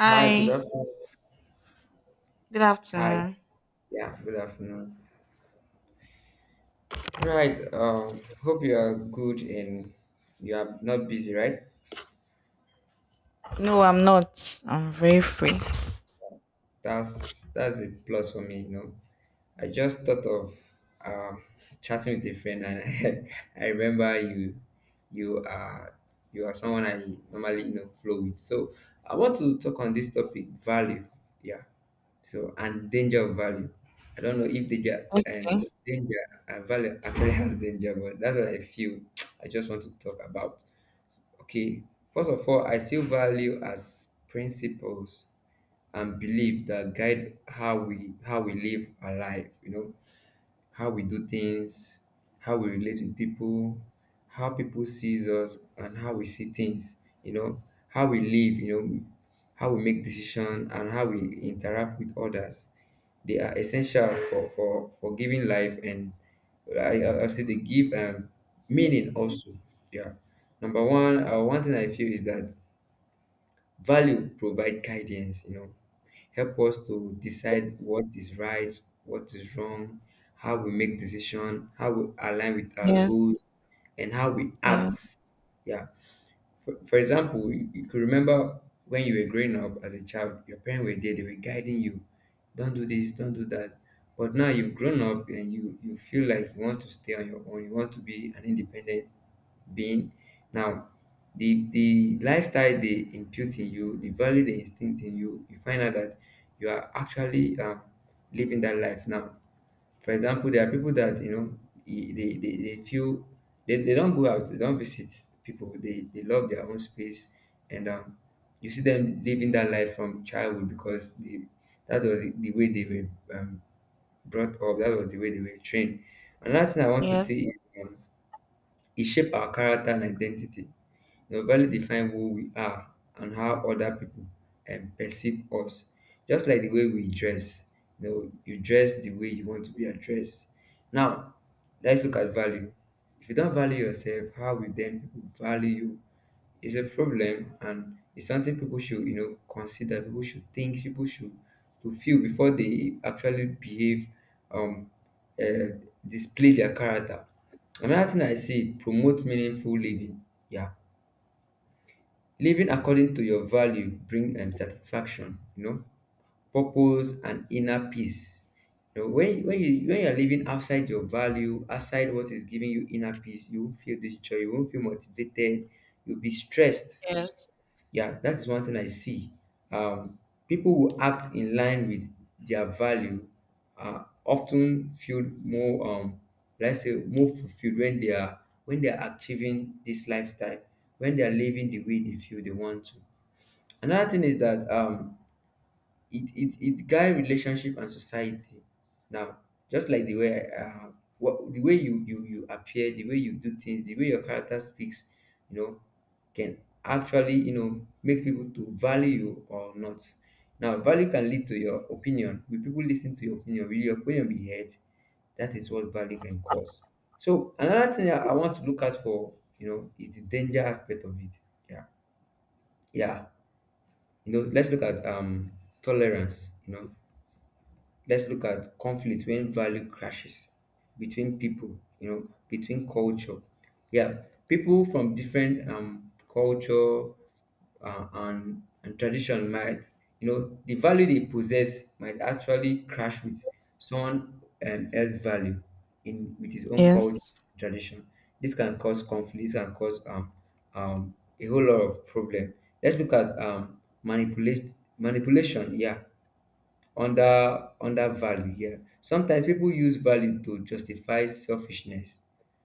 Hi, good afternoon. good Hi, afternoon. yeah, good afternoon. Right, hope you are good and you are not busy, right? No, I'm not. I'm very free. That's a plus for me. I just thought of um chatting with a friend and I remember you are you are someone I normally flow with. So I want to talk on this topic, value. Yeah. So and danger of value. I don't know if danger and Okay. danger and value actually has danger, but that's what I feel I just want to talk about. Okay. First of all, I still value as principles and belief that guide how we live our life, how we do things, how we relate with people, how people sees us, and how we see things. You know, how we live. How we make decisions and how we interact with others. They are essential for giving life, and I say they give meaning also. Yeah. Number one, one thing I feel is that value provide guidance, help us to decide what is right, what is wrong, how we make decision, how we align with our Yes, goals, and how we yes, act. Yeah. For example, you could remember when you were growing up as a child, your parents were there, they were guiding you. Don't do this, don't do that. But now you've grown up and you feel like you want to stay on your own, you want to be an independent being. Now, the lifestyle they impute in you, the value they instinct in you, you find out that you are actually living that life now. For example, there are people that they feel they don't go out, they don't visit people. They love their own space, and you see them living that life from childhood because that was the way they were brought up. That was the way they were trained. Another thing I want to yes, see is um, it shape our character and identity. The value define who we are and how other people perceive us. Just like the way we dress, you dress the way you want to be addressed. Now, let's look at value. If you don't value yourself, how will then people value you? It's a problem, and it's something people should, consider, people should think, people should to feel before they actually behave, um, uh, display their character. Another thing I see, promote meaningful living. Yeah. Living according to your value bring satisfaction, purpose and inner peace. When you're living outside your value, outside what is giving you inner peace, you won't feel this joy, you won't feel motivated, you'll be stressed. yes, Yeah, that is one thing I see. Um, people who act in line with their value are often feel more, let's say, more fulfilled when they are achieving this lifestyle, when they are living the way they feel they want to. Another thing is that it guide relationship and society now, just like the way you appear, the way you do things, the way your character speaks you know can actually make people to value you or not. Now value can lead to your opinion. Will people listen to your opinion? Will your opinion be heard? That is what value can cause. So another thing I want to look at, for you know is the danger aspect of it. Yeah, yeah. Let's look at tolerance. Let's look at conflict when value crashes between people, between culture. Yeah. People from different culture and tradition might, the value they possess might actually crash with someone else value in with his own culture, yes. tradition. This can cause conflict. This can cause a whole lot of problem. Let's look at manipulate manipulation. Yeah. Under value here, sometimes people use value to justify selfishness,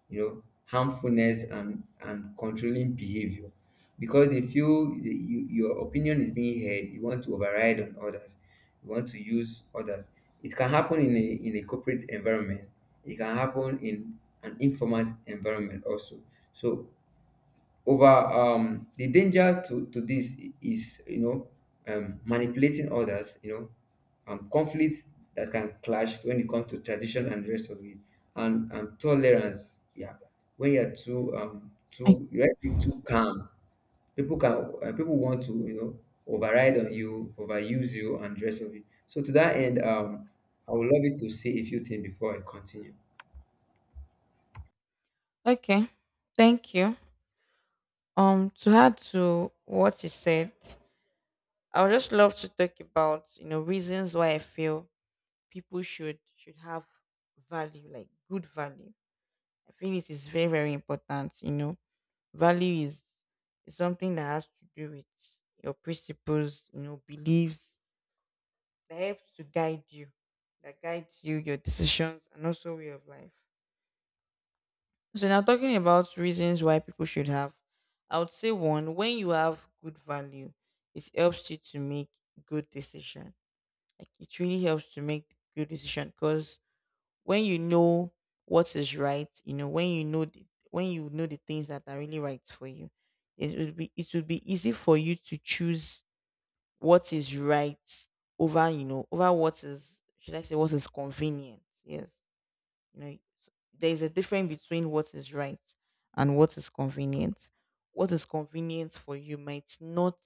harmfulness and controlling behavior because they feel your opinion is being heard. You want to override on others. You want to use others. It can happen in a corporate environment. It can happen in an informal environment also. So, over the danger to this is, manipulating others, conflicts that can clash when it comes to tradition and the rest of it, and tolerance. Yeah. When you're too um O- too you're actually too calm, people can people want to override on you, overuse you and the rest of it. So to that end, I would love it to say a few things before I continue. Okay. Thank you. To add to what you said, I would just love to talk about reasons why I feel people should have value, like good value. I feel it is very, very important. Value is something that has to do with your principles, beliefs that helps to guide you, that guides you, your decisions, and also way of life. So now, talking about reasons why people should have, I would say one, when you have good value, it helps you to make good decision. Like it really helps to make good decision, because when you know what is right, when you know the things that are really right for you, it would be easy for you to choose what is right over you know over what is, should I say, what is convenient. Yes, you know s- there is a difference between what is right and what is convenient. What is convenient for you might not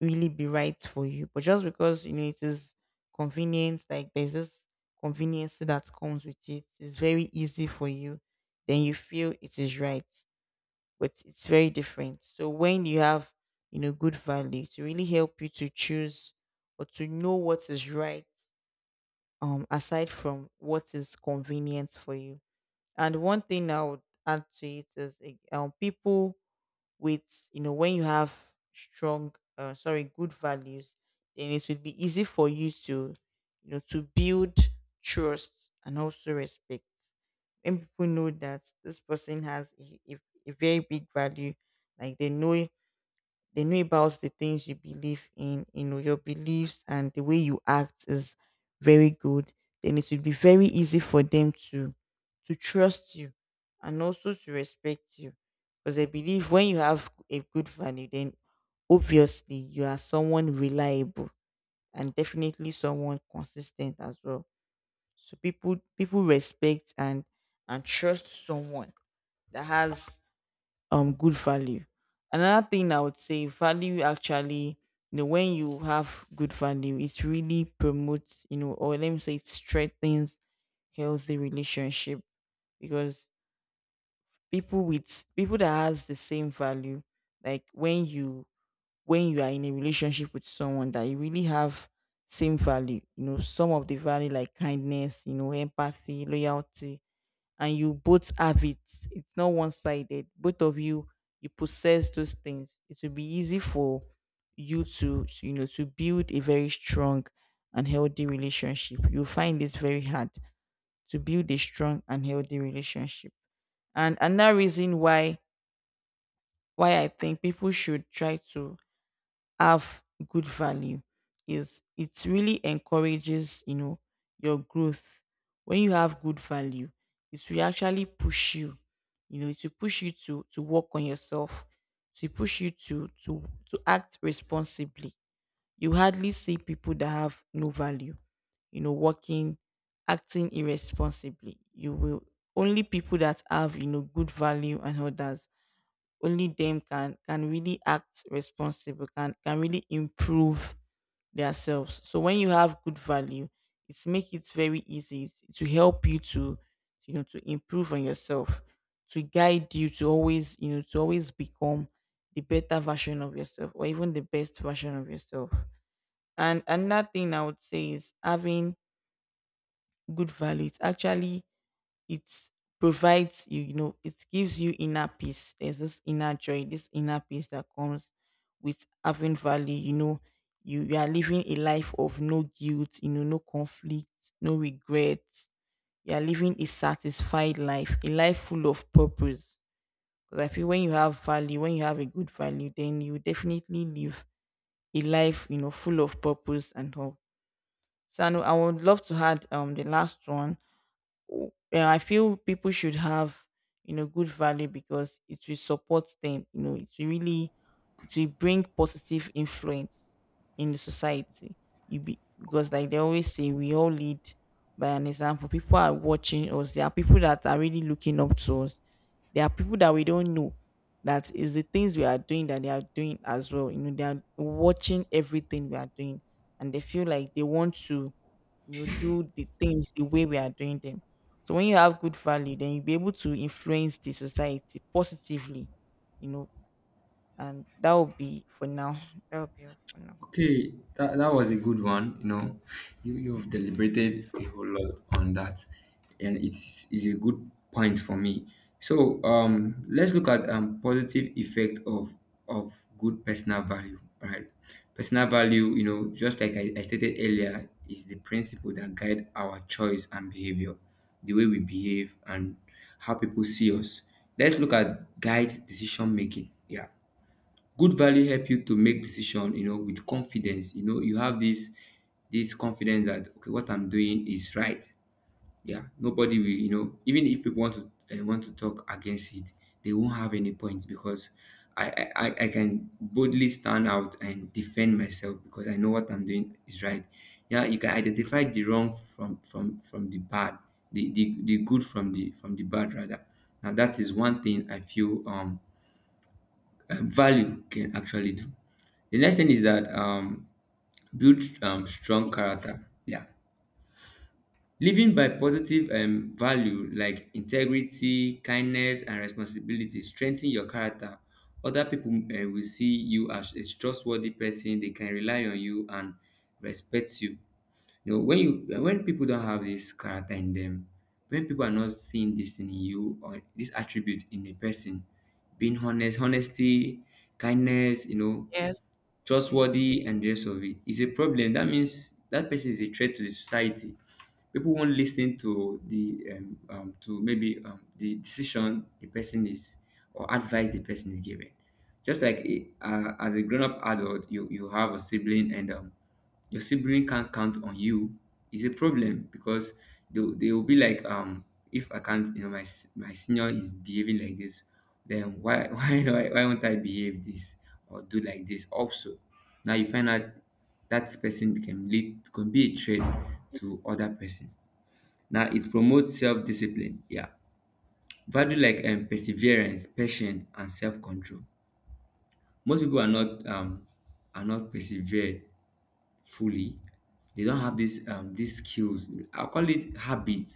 really be right for you, but just because you know it is convenient, like there's this convenience that comes with it, it's very easy for you. Then you feel it is right, but it's very different. So when you have, good value to really help you to choose or to know what is right, aside from what is convenient for you. And one thing I would add to it is, people with, when you have strong, sorry, good values, then it will be easy for you to you know to build trust and also respect. When people know that this person has a very big value, like they know about the things you believe in, your beliefs, and the way you act is very good, then it will be very easy for them to trust you and also to respect you. Because I believe when you have a good value, then obviously you are someone reliable, and definitely someone consistent as well. So people respect and trust someone that has good value. Another thing I would say, value actually, when you have good value, it really promotes, or let me say, it strengthens healthy relationship. Because people that has the same value, like when you are in a relationship with someone that you really have same value, some of the value like kindness, empathy, loyalty, and you both have it, it's not one sided, both of you possess those things, it will be easy for you to, you know to build a very strong and healthy relationship. You find this very hard to build a strong and healthy relationship. And another reason why I think people should try to have good value is, it really encourages, your growth. When you have good value, it will actually push you you know it will push you to work on yourself, to push you to act responsibly. You hardly see people that have no value, you know working acting irresponsibly. You will Only people that have, good value and others, only them can really act responsible, can really improve themselves. So when you have good value, it's make it very easy to help you to improve on yourself, to guide you to always you know to always become the better version of yourself, or even the best version of yourself. And another thing I would say is, having good value, it actually it provides you. It gives you inner peace. There's this inner joy, this inner peace that comes with having value. You are living a life of no guilt, no conflict, no regrets. You are living a satisfied life, a life full of purpose. Because I feel when you have value, when you have a good value, then you definitely live a life, full of purpose and hope. So, I would love to add the last one, yeah, I feel people should have, good value, because it will support them. It will bring positive influence in the society. You be because, like they always say, we all lead by an example. People are watching us. There are people that are really looking up to us. There are people that we don't know that is the things we are doing that they are doing as well. They are watching everything we are doing, and they feel like they want to do the things the way we are doing them. So when you have good value, then you'll be able to influence the society positively, you know, and that will be for now. That will be all for now. Okay, that was a good one. You've deliberated a whole lot on that, and it's a good point for me. So let's look at positive effect of good personal value, right? Personal value, just like I stated earlier, is the principle that guide our choice and behavior, the way we behave and how people see us. Let's look at guide decision making. Yeah, good value help you to make decision with confidence. You have this confidence that okay, what I'm doing is right. Yeah. Nobody will, even if people want to talk against it, they won't have any points because I, I can boldly stand out and defend myself because I know what I'm doing is right. Yeah, you can identify the wrong from the bad, the good from the bad, rather. Now, that is one thing I feel value can actually do. The next thing is that build strong character. Yeah. Living by positive value like integrity, kindness, and responsibility strengthen your character. Other people will see you as a trustworthy person; they can rely on you and respect you. You know, when you when people don't have this character in them, when people are not seeing this in you or this attribute in a person, being honesty, kindness, Yes, yes, trustworthy and rest of it, is a problem. That means that person is a threat to the society. People won't listen to the to maybe the decision the person is, or advice the person is giving. Just like as a grown up adult, you have a sibling and your sibling can't count on you is a problem, because they will be like, if I can't, my senior is behaving like this, then why why won't I behave this or do like this also? Now you find out that person can be a threat to other person. Now it promotes self-discipline. Yeah. Value like perseverance, patience, and self-control. Most people are not, persevered fully. They don't have this, these skills. I call it habit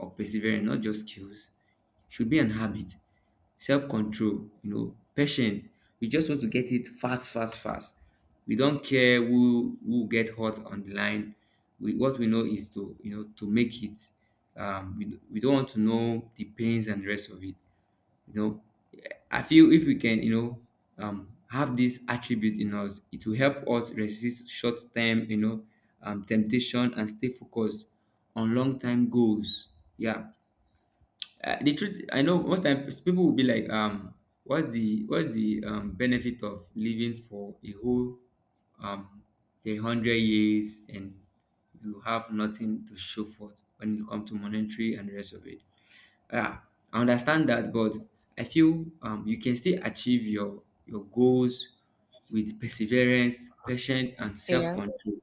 of persevering, not just skills; should be an habit. Self-control, patient. We just want to get it fast fast fast. We don't care who get hurt on the line. We what we know is to, to make it, we don't want to know the pains and the rest of it. you know I feel if we can, have this attribute in us, it will help us resist short-term, temptation, and stay focused on long-term goals. Yeah. The truth, I know most times people will be like, what's the benefit of living for a whole um 100 years and you have nothing to show for it when it comes to monetary and the rest of it. Yeah, I understand that, but I feel you can still achieve your goals with perseverance, patience, and yes. self-control.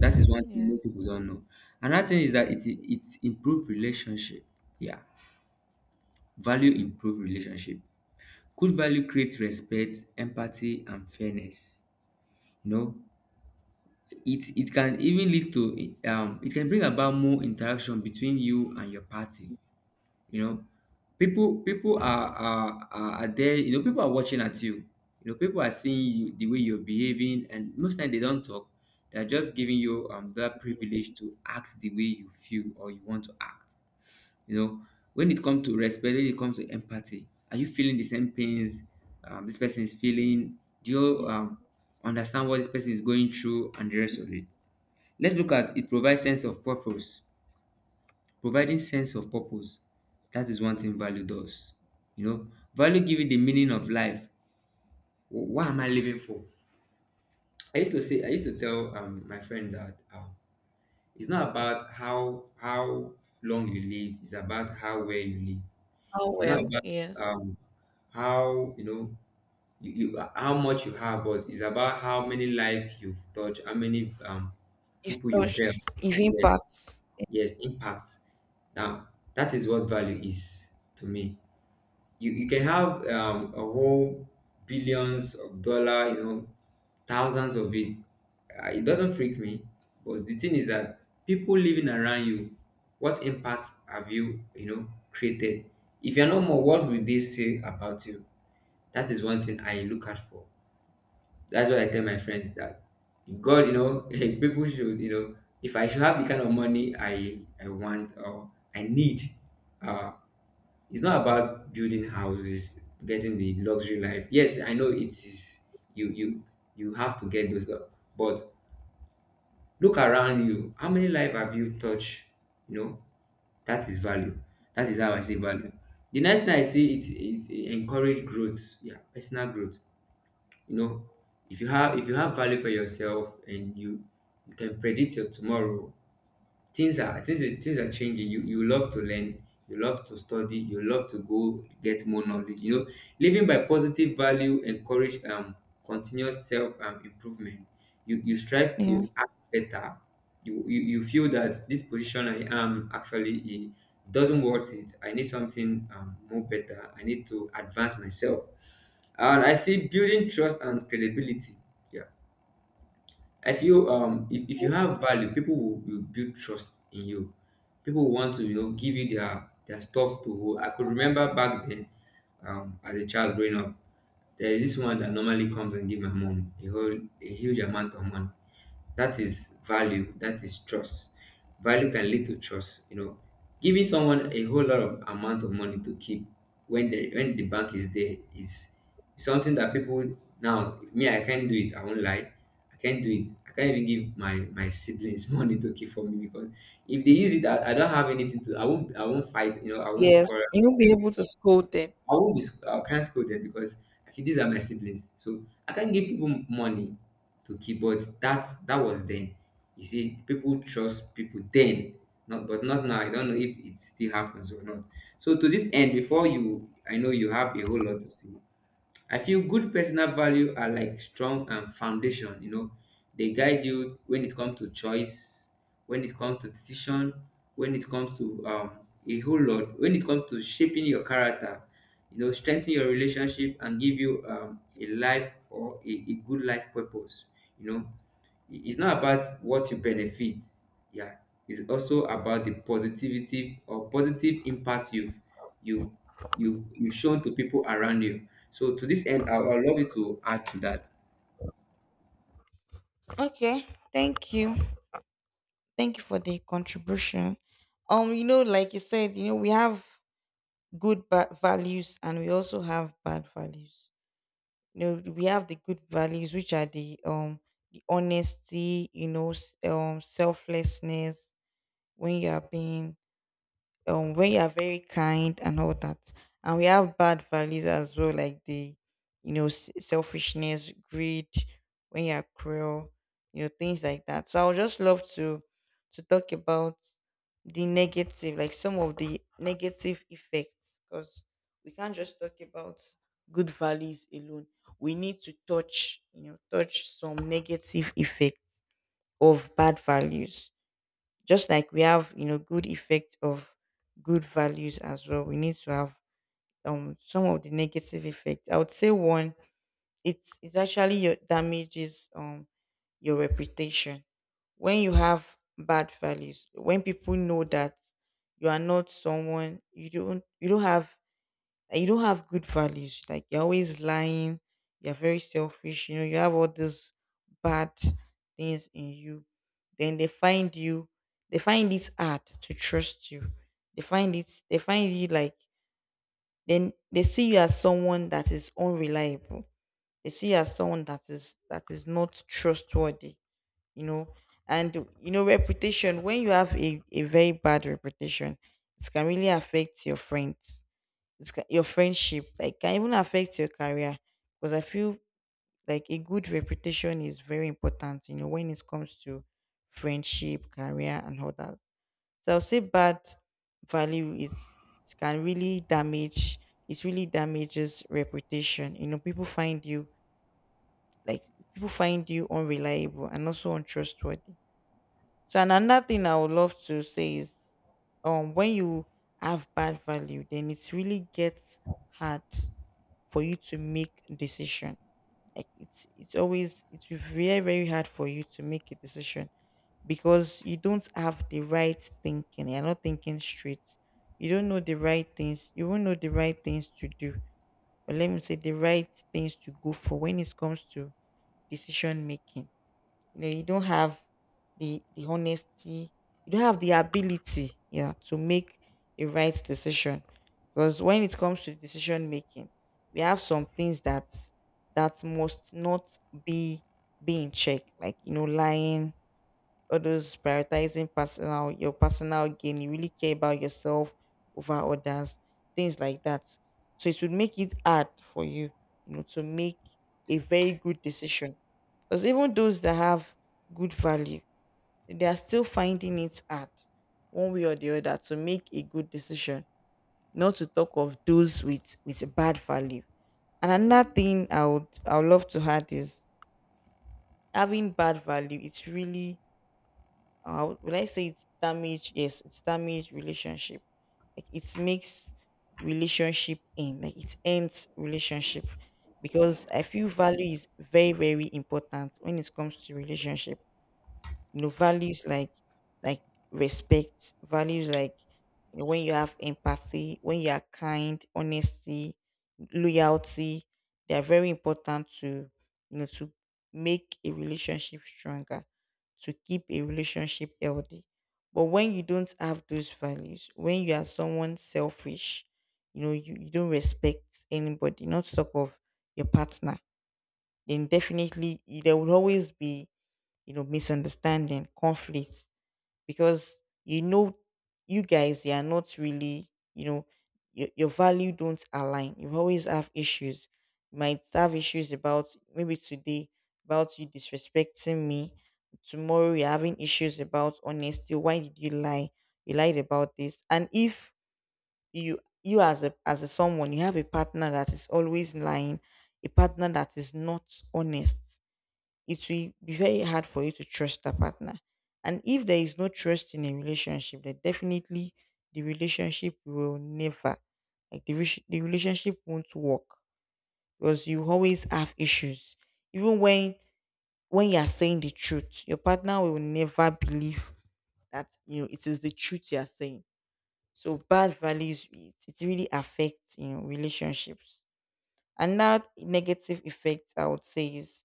That is one thing Yes. most people don't know. Another thing is that it improve relationship. Yeah, value improve relationship. Good value creates respect, empathy, and fairness. You know, it can even lead to, it can bring about more interaction between you and your party. You know, people are, are there. People are watching at you. People are seeing you the way you're behaving, and most times they don't talk. They're just giving you that privilege to act the way you feel or you want to act. You know, when it comes to respect, when it comes to empathy, are you feeling the same pains this person is feeling? Do you understand what this person is going through and the rest of it? Let's look at it provides sense of purpose. Providing sense of purpose, that is one thing value does. You know, value give you the meaning of life. What am I living for? I used to say, I used to tell my friend that it's not about how long you live; it's about how well you live. Oh It's not well, about yes. um, how you know you how much you have, but it's about how many life you've touched, how many If people you've helped. touched, if Yeah. impacts, Yes, impact. Now, that is what value is to me. You can have a whole billions of dollar, you know, thousands of it. It doesn't freak me, but the thing is that people living around you, what impact have you, you know, created? If you're no more, what will they say about you? That is one thing I look out for. That's what I tell my friends that if God, you know, if people should, you know, if I should have the kind of money I want or I need, uh, it's not about building houses, getting the luxury life. Yes, I know it is. You you have to get those stuff, but look around you. How many life have you touched? You know, that is value. That is how I see value. The next thing I see it, encourage growth, yeah, personal growth. You know, if you have value for yourself and you can predict your tomorrow, things are things are changing. You love to learn, you love to study, you love to go get more knowledge, you know, living by positive value encourage continuous self improvement. You strive yes, to act better, you feel that this position I am actually it doesn't worth it. I need something more better, I need to advance myself. And I see building trust and credibility, yeah. I feel if you have value, people will build trust in you. People will want to you know give you their stuff to hold. I could remember back then, as a child growing up, there is this one that normally comes and give my mom a whole a huge amount of money. That is value. That is trust. Value can lead to trust. You know, giving someone a whole lot of amount of money to keep when the bank is there is something that people now me I can't do it. I won't lie. I can't do it. I can't even give my siblings money to keep for me because if they use it, I don't have anything to. I won't. I won't fight. You know, I won't yes, quarrel. you'll be able to scold them. I won't be. I can't scold them because I feel these are my siblings, so I can't give people money to keep. But that was then. You see, people trust people then, not but not now. I don't know if it still happens or not. So to this end, before you, I know you have a whole lot to say. I feel good personal value are like strong and foundation, you know. They guide you when it comes to choice, when it comes to decision, when it comes to a whole lot, when it comes to shaping your character, you know, strengthen your relationship and give you a life or a good life purpose, you know. It's not about what you benefit, yeah. It's also about the positivity or positive impact you've you you've shown to people around you. So to this end, I would love you to add to that. Okay, thank you, thank you for the contribution. Like you said, we have good values, and we also have bad values. We have the good values, which are the honesty, selflessness, when you are being when you are very kind and all that. And we have bad values as well, like the you know s- selfishness, greed, when you are cruel, things like that. So I would just love to talk about the negative, like some of the negative effects, because we can't just talk about good values alone. We need to touch you know touch some negative effects of bad values, just like we have, good effect of good values as well. We need to have some of the negative effect. I would say one, it's actually your damages, your reputation. When you have bad values, when people know that you are not someone, you don't have, like, you don't have good values, like you're always lying, you're very selfish, you have all these bad things in you, then they find you, they find it hard to trust you. They find it. They find you like. Then they see you as someone that is unreliable. They see you as someone that is not trustworthy. You know, and reputation. When you have a very bad reputation, it can really affect your friends, your friendship, like, can even affect your career, because I feel like a good reputation is very important when it comes to friendship, career, and others. So I'll say bad value is, it can really damage it really damages reputation. People find you, like, people find you unreliable and also untrustworthy. So, and another thing I would love to say is, when you have bad value, then it really gets hard for you to make decision. Like it's always, it's very very hard for you to make a decision, because you don't have the right thinking. You're not thinking straight. You don't know the right things. You won't know the right things to do. Or let me say the right things to go for. When it comes to decision making, you don't have the honesty, you don't have the ability, yeah, to make a right decision. Because when it comes to decision making, we have some things that must not be be in check, like, lying. Others, prioritizing personal your personal gain. You really care about yourself over others, things like that. So it would make it hard for you to make a very good decision, because even those that have good value, they are still finding it hard, one way or the other, to make a good decision. Not to talk of those with bad value. And another thing I would love to add is having bad value. It's really, will I say it's damaged? Yes, it's damaged relationship. Like it makes relationship end. Like it ends relationship because I feel value is very important when it comes to relationship, you know, values like like respect, values like, you know, when you have empathy, when you are kind, honesty, loyalty, they are very important to, you know to make a relationship stronger, to keep a relationship healthy. But when you don't have those values, when you are someone selfish, you know, you don't respect anybody, not to talk of your partner, then definitely there will always be, you know, misunderstanding, conflicts, because, you know, you guys, you are not really, you know, your value don't align. You always have issues. You might have issues about maybe today, about you disrespecting me. Tomorrow you're having issues about honesty. Why did you lie? You lied about this. And if you, as a someone, you have a partner that is always lying, a partner that is not honest, it will be very hard for you to trust a partner. And if there is no trust in a relationship, then definitely the relationship will never, like the relationship won't work because you always have issues. Even when you are saying the truth, your partner will never believe that, you know, it is the truth you are saying. So bad values, it really affects, you know, relationships. Another negative effect I would say is,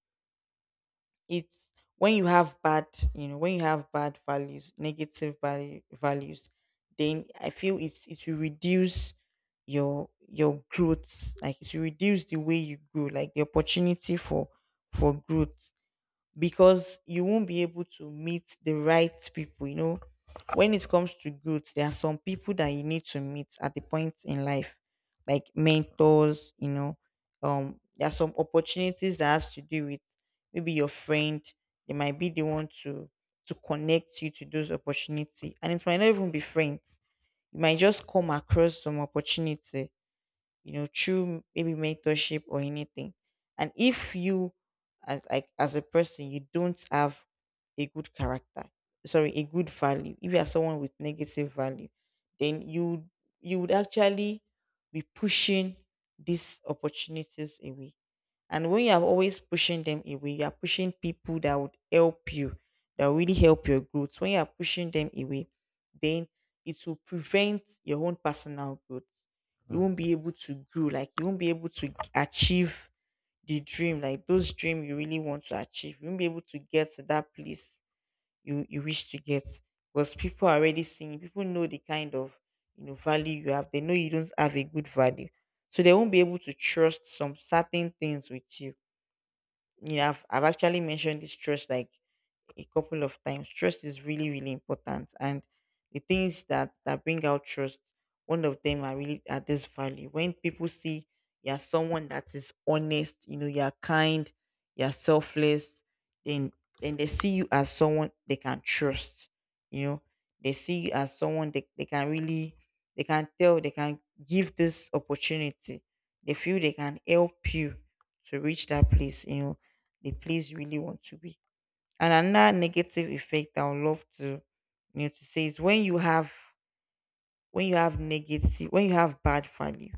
it's when you have bad, you know, when you have bad values, negative values, then I feel it will reduce your growth. Like it will reduce the way you grow, like the opportunity for growth, because you won't be able to meet the right people. You know, when it comes to growth, there are some people that you need to meet at the point in life, like mentors, you know, there are some opportunities that has to do with maybe your friend, they might be the one to connect you to those opportunity, and it might not even be friends. You might just come across some opportunity, you know, through maybe mentorship or anything. And if you, as a person, you don't have a good character, sorry, a good value. If you are someone with negative value, then you would actually be pushing these opportunities away, and when you are always pushing them away, you are pushing people that would help you, that will really help your growth. When you are pushing them away, then it will prevent your own personal growth. You won't be able to grow, like you won't be able to achieve the dream, like those dreams you really want to achieve. You won't be able to get to that place you wish to get. Because people are already seeing, people know the kind of, you know, value you have. They know you don't have a good value. So they won't be able to trust some certain things with you. Yeah, I've actually mentioned this trust, like a couple of times. Trust is really, really important. And the things that bring out trust, one of them are really at this value. When people see you're someone that is honest, you know, you're kind, you're selfless, then then they see you as someone they can trust. You know, they see you as someone they can really, they can give this opportunity. They feel they can help you to reach that place, you know, the place you really want to be. And another negative effect I would love to, say is, when you have, when you have negative when you have bad value.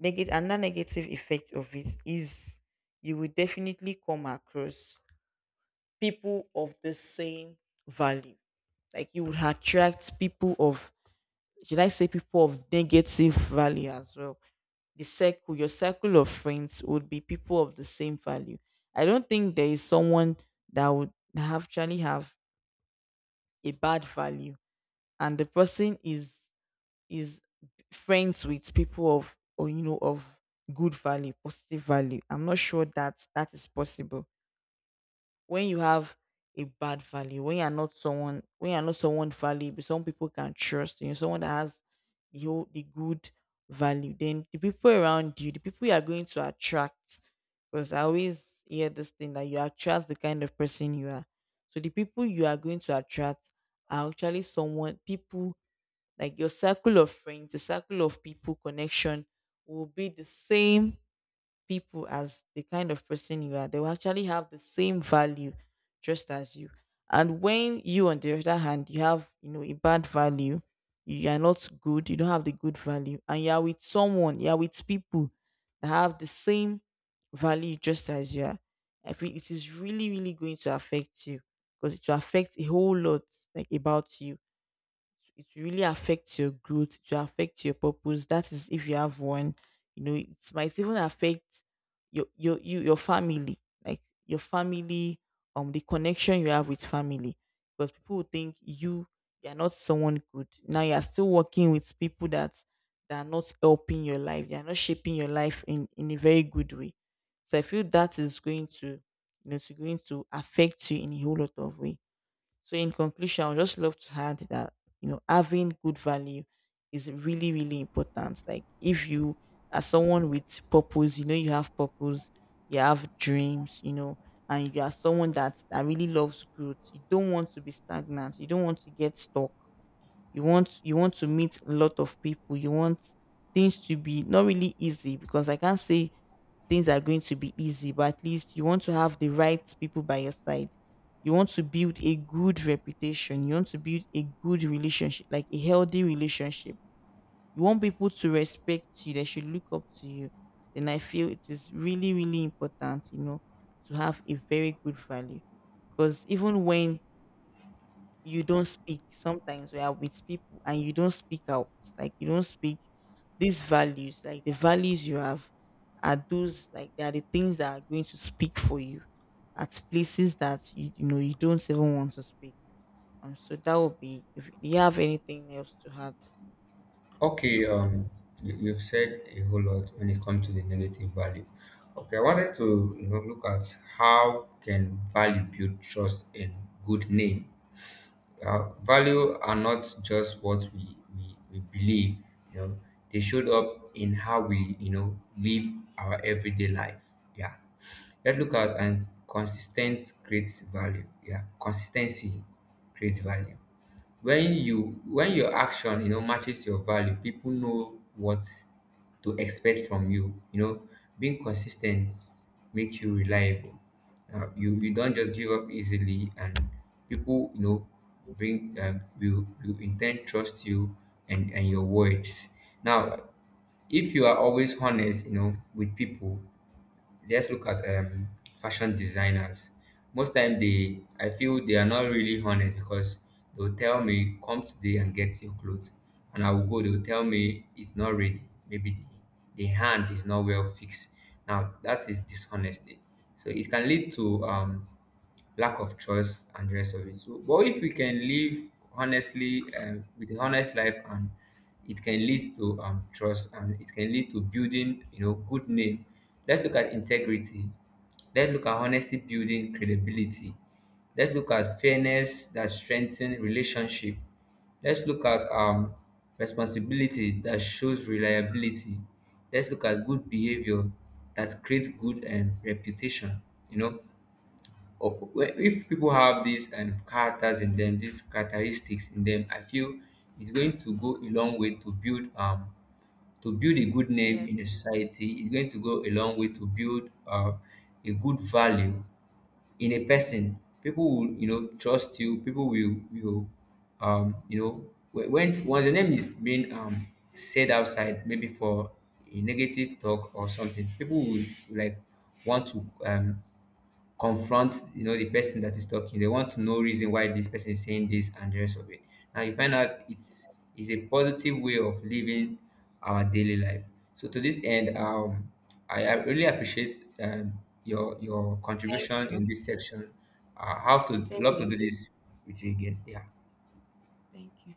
Negative Another negative effect of it is you will definitely come across people of the same value. Like you would attract people of, should I say, people of negative value as well. The circle, your circle of friends would be people of the same value. I don't think there is someone that would actually have a bad value, and the person is is friends with people of, or you know, of good value, positive value. I'm not sure that that is possible. When you have a bad value, when you're not someone, valuable, some people can trust you, someone that has the good value, then the people around you, the people you are going to attract, because I always hear this thing that you attract the kind of person you are. So the people you are going to attract are actually someone people, like your circle of friends, the circle of people connection will be the same people as the kind of person you are. They will actually have the same value just as you. And when you, on the other hand, you have, you know, a bad value, you are not good, you don't have the good value, and you are with someone, you are with people that have the same value just as you are, I feel it is really, really going to affect you, because it will affect a whole lot, like about you. It really affects your growth, to affect your purpose, that is if you have one. You know, it might even affect your family, like your family, the connection you have with family, because people will think you, you're not someone good, now you're still working with people that they are not helping your life, they are not shaping your life in a very good way. So I feel that is going to, you know, it's going to affect you in a whole lot of way. So in conclusion, I would just love to add that, you know, having good value is really, really important. Like if you are someone with purpose, you know, you have purpose, you have dreams, you know, and you are someone that really loves growth. You don't want to be stagnant, you don't want to get stuck. You want you want to meet a lot of people, you want things to be not really easy, because I can't say things are going to be easy, but at least you want to have the right people by your side. You want to build a good reputation, you want to build a good relationship, like a healthy relationship. You want people to respect you, they should look up to you. Then I feel it is really, really important, you know, to have a very good value. Because even when you don't speak, sometimes we are with people and you don't speak out, like you don't speak, these values, like the values you have, are those, like they are the things that are going to speak for you at places that you know, you don't even want to speak. Um, so that would be, if you have anything else to add. Okay, you- you've said a whole lot when it comes to the negative value. Okay, I wanted to you know, look at how can value build trust and good name. Value are not just what we believe, you know, they showed up in how we you know live our everyday life, yeah. Let's look at and consistent creates value, yeah, consistency creates value. When you when your action you know matches your value, people know what to expect from you. You know, being consistent ten make you reliable. You you don't just give up easily and people you know bring will intend trust you and your words. Now, if you are always honest, you know, with people, let's look at fashion designers. Most time they I feel they are not really honest because they'll tell me come today and get your clothes and I will go, they'll tell me it's not ready. Maybe the hand is not well fixed. Now that is dishonesty. So it can lead to lack of choice and the rest of it. So, but if we can live honestly with a honest life, and it can lead to trust, and it can lead to building, you know, good name. Let's look at integrity. Let's look at honesty building credibility. Let's look at fairness that strengthens relationship. Let's look at responsibility that shows reliability. Let's look at good behavior that creates good reputation. You know, or if people have these characters in them, these characteristics in them, I feel it's going to go a long way to build a good name Yes. in a society. It's going to go a long way to build a good value in a person. People will you know trust you. People will you know when once your name is being said outside, maybe for a negative talk or something, people will like want to confront you know the person that is talking. They want to know reason why this person is saying this and the rest of it. Now you find out it's is a positive way of living our daily life. So to this end, I really appreciate your Thank contribution in you. this section. I have to Same love to here. do this with you again. Yeah. Thank you.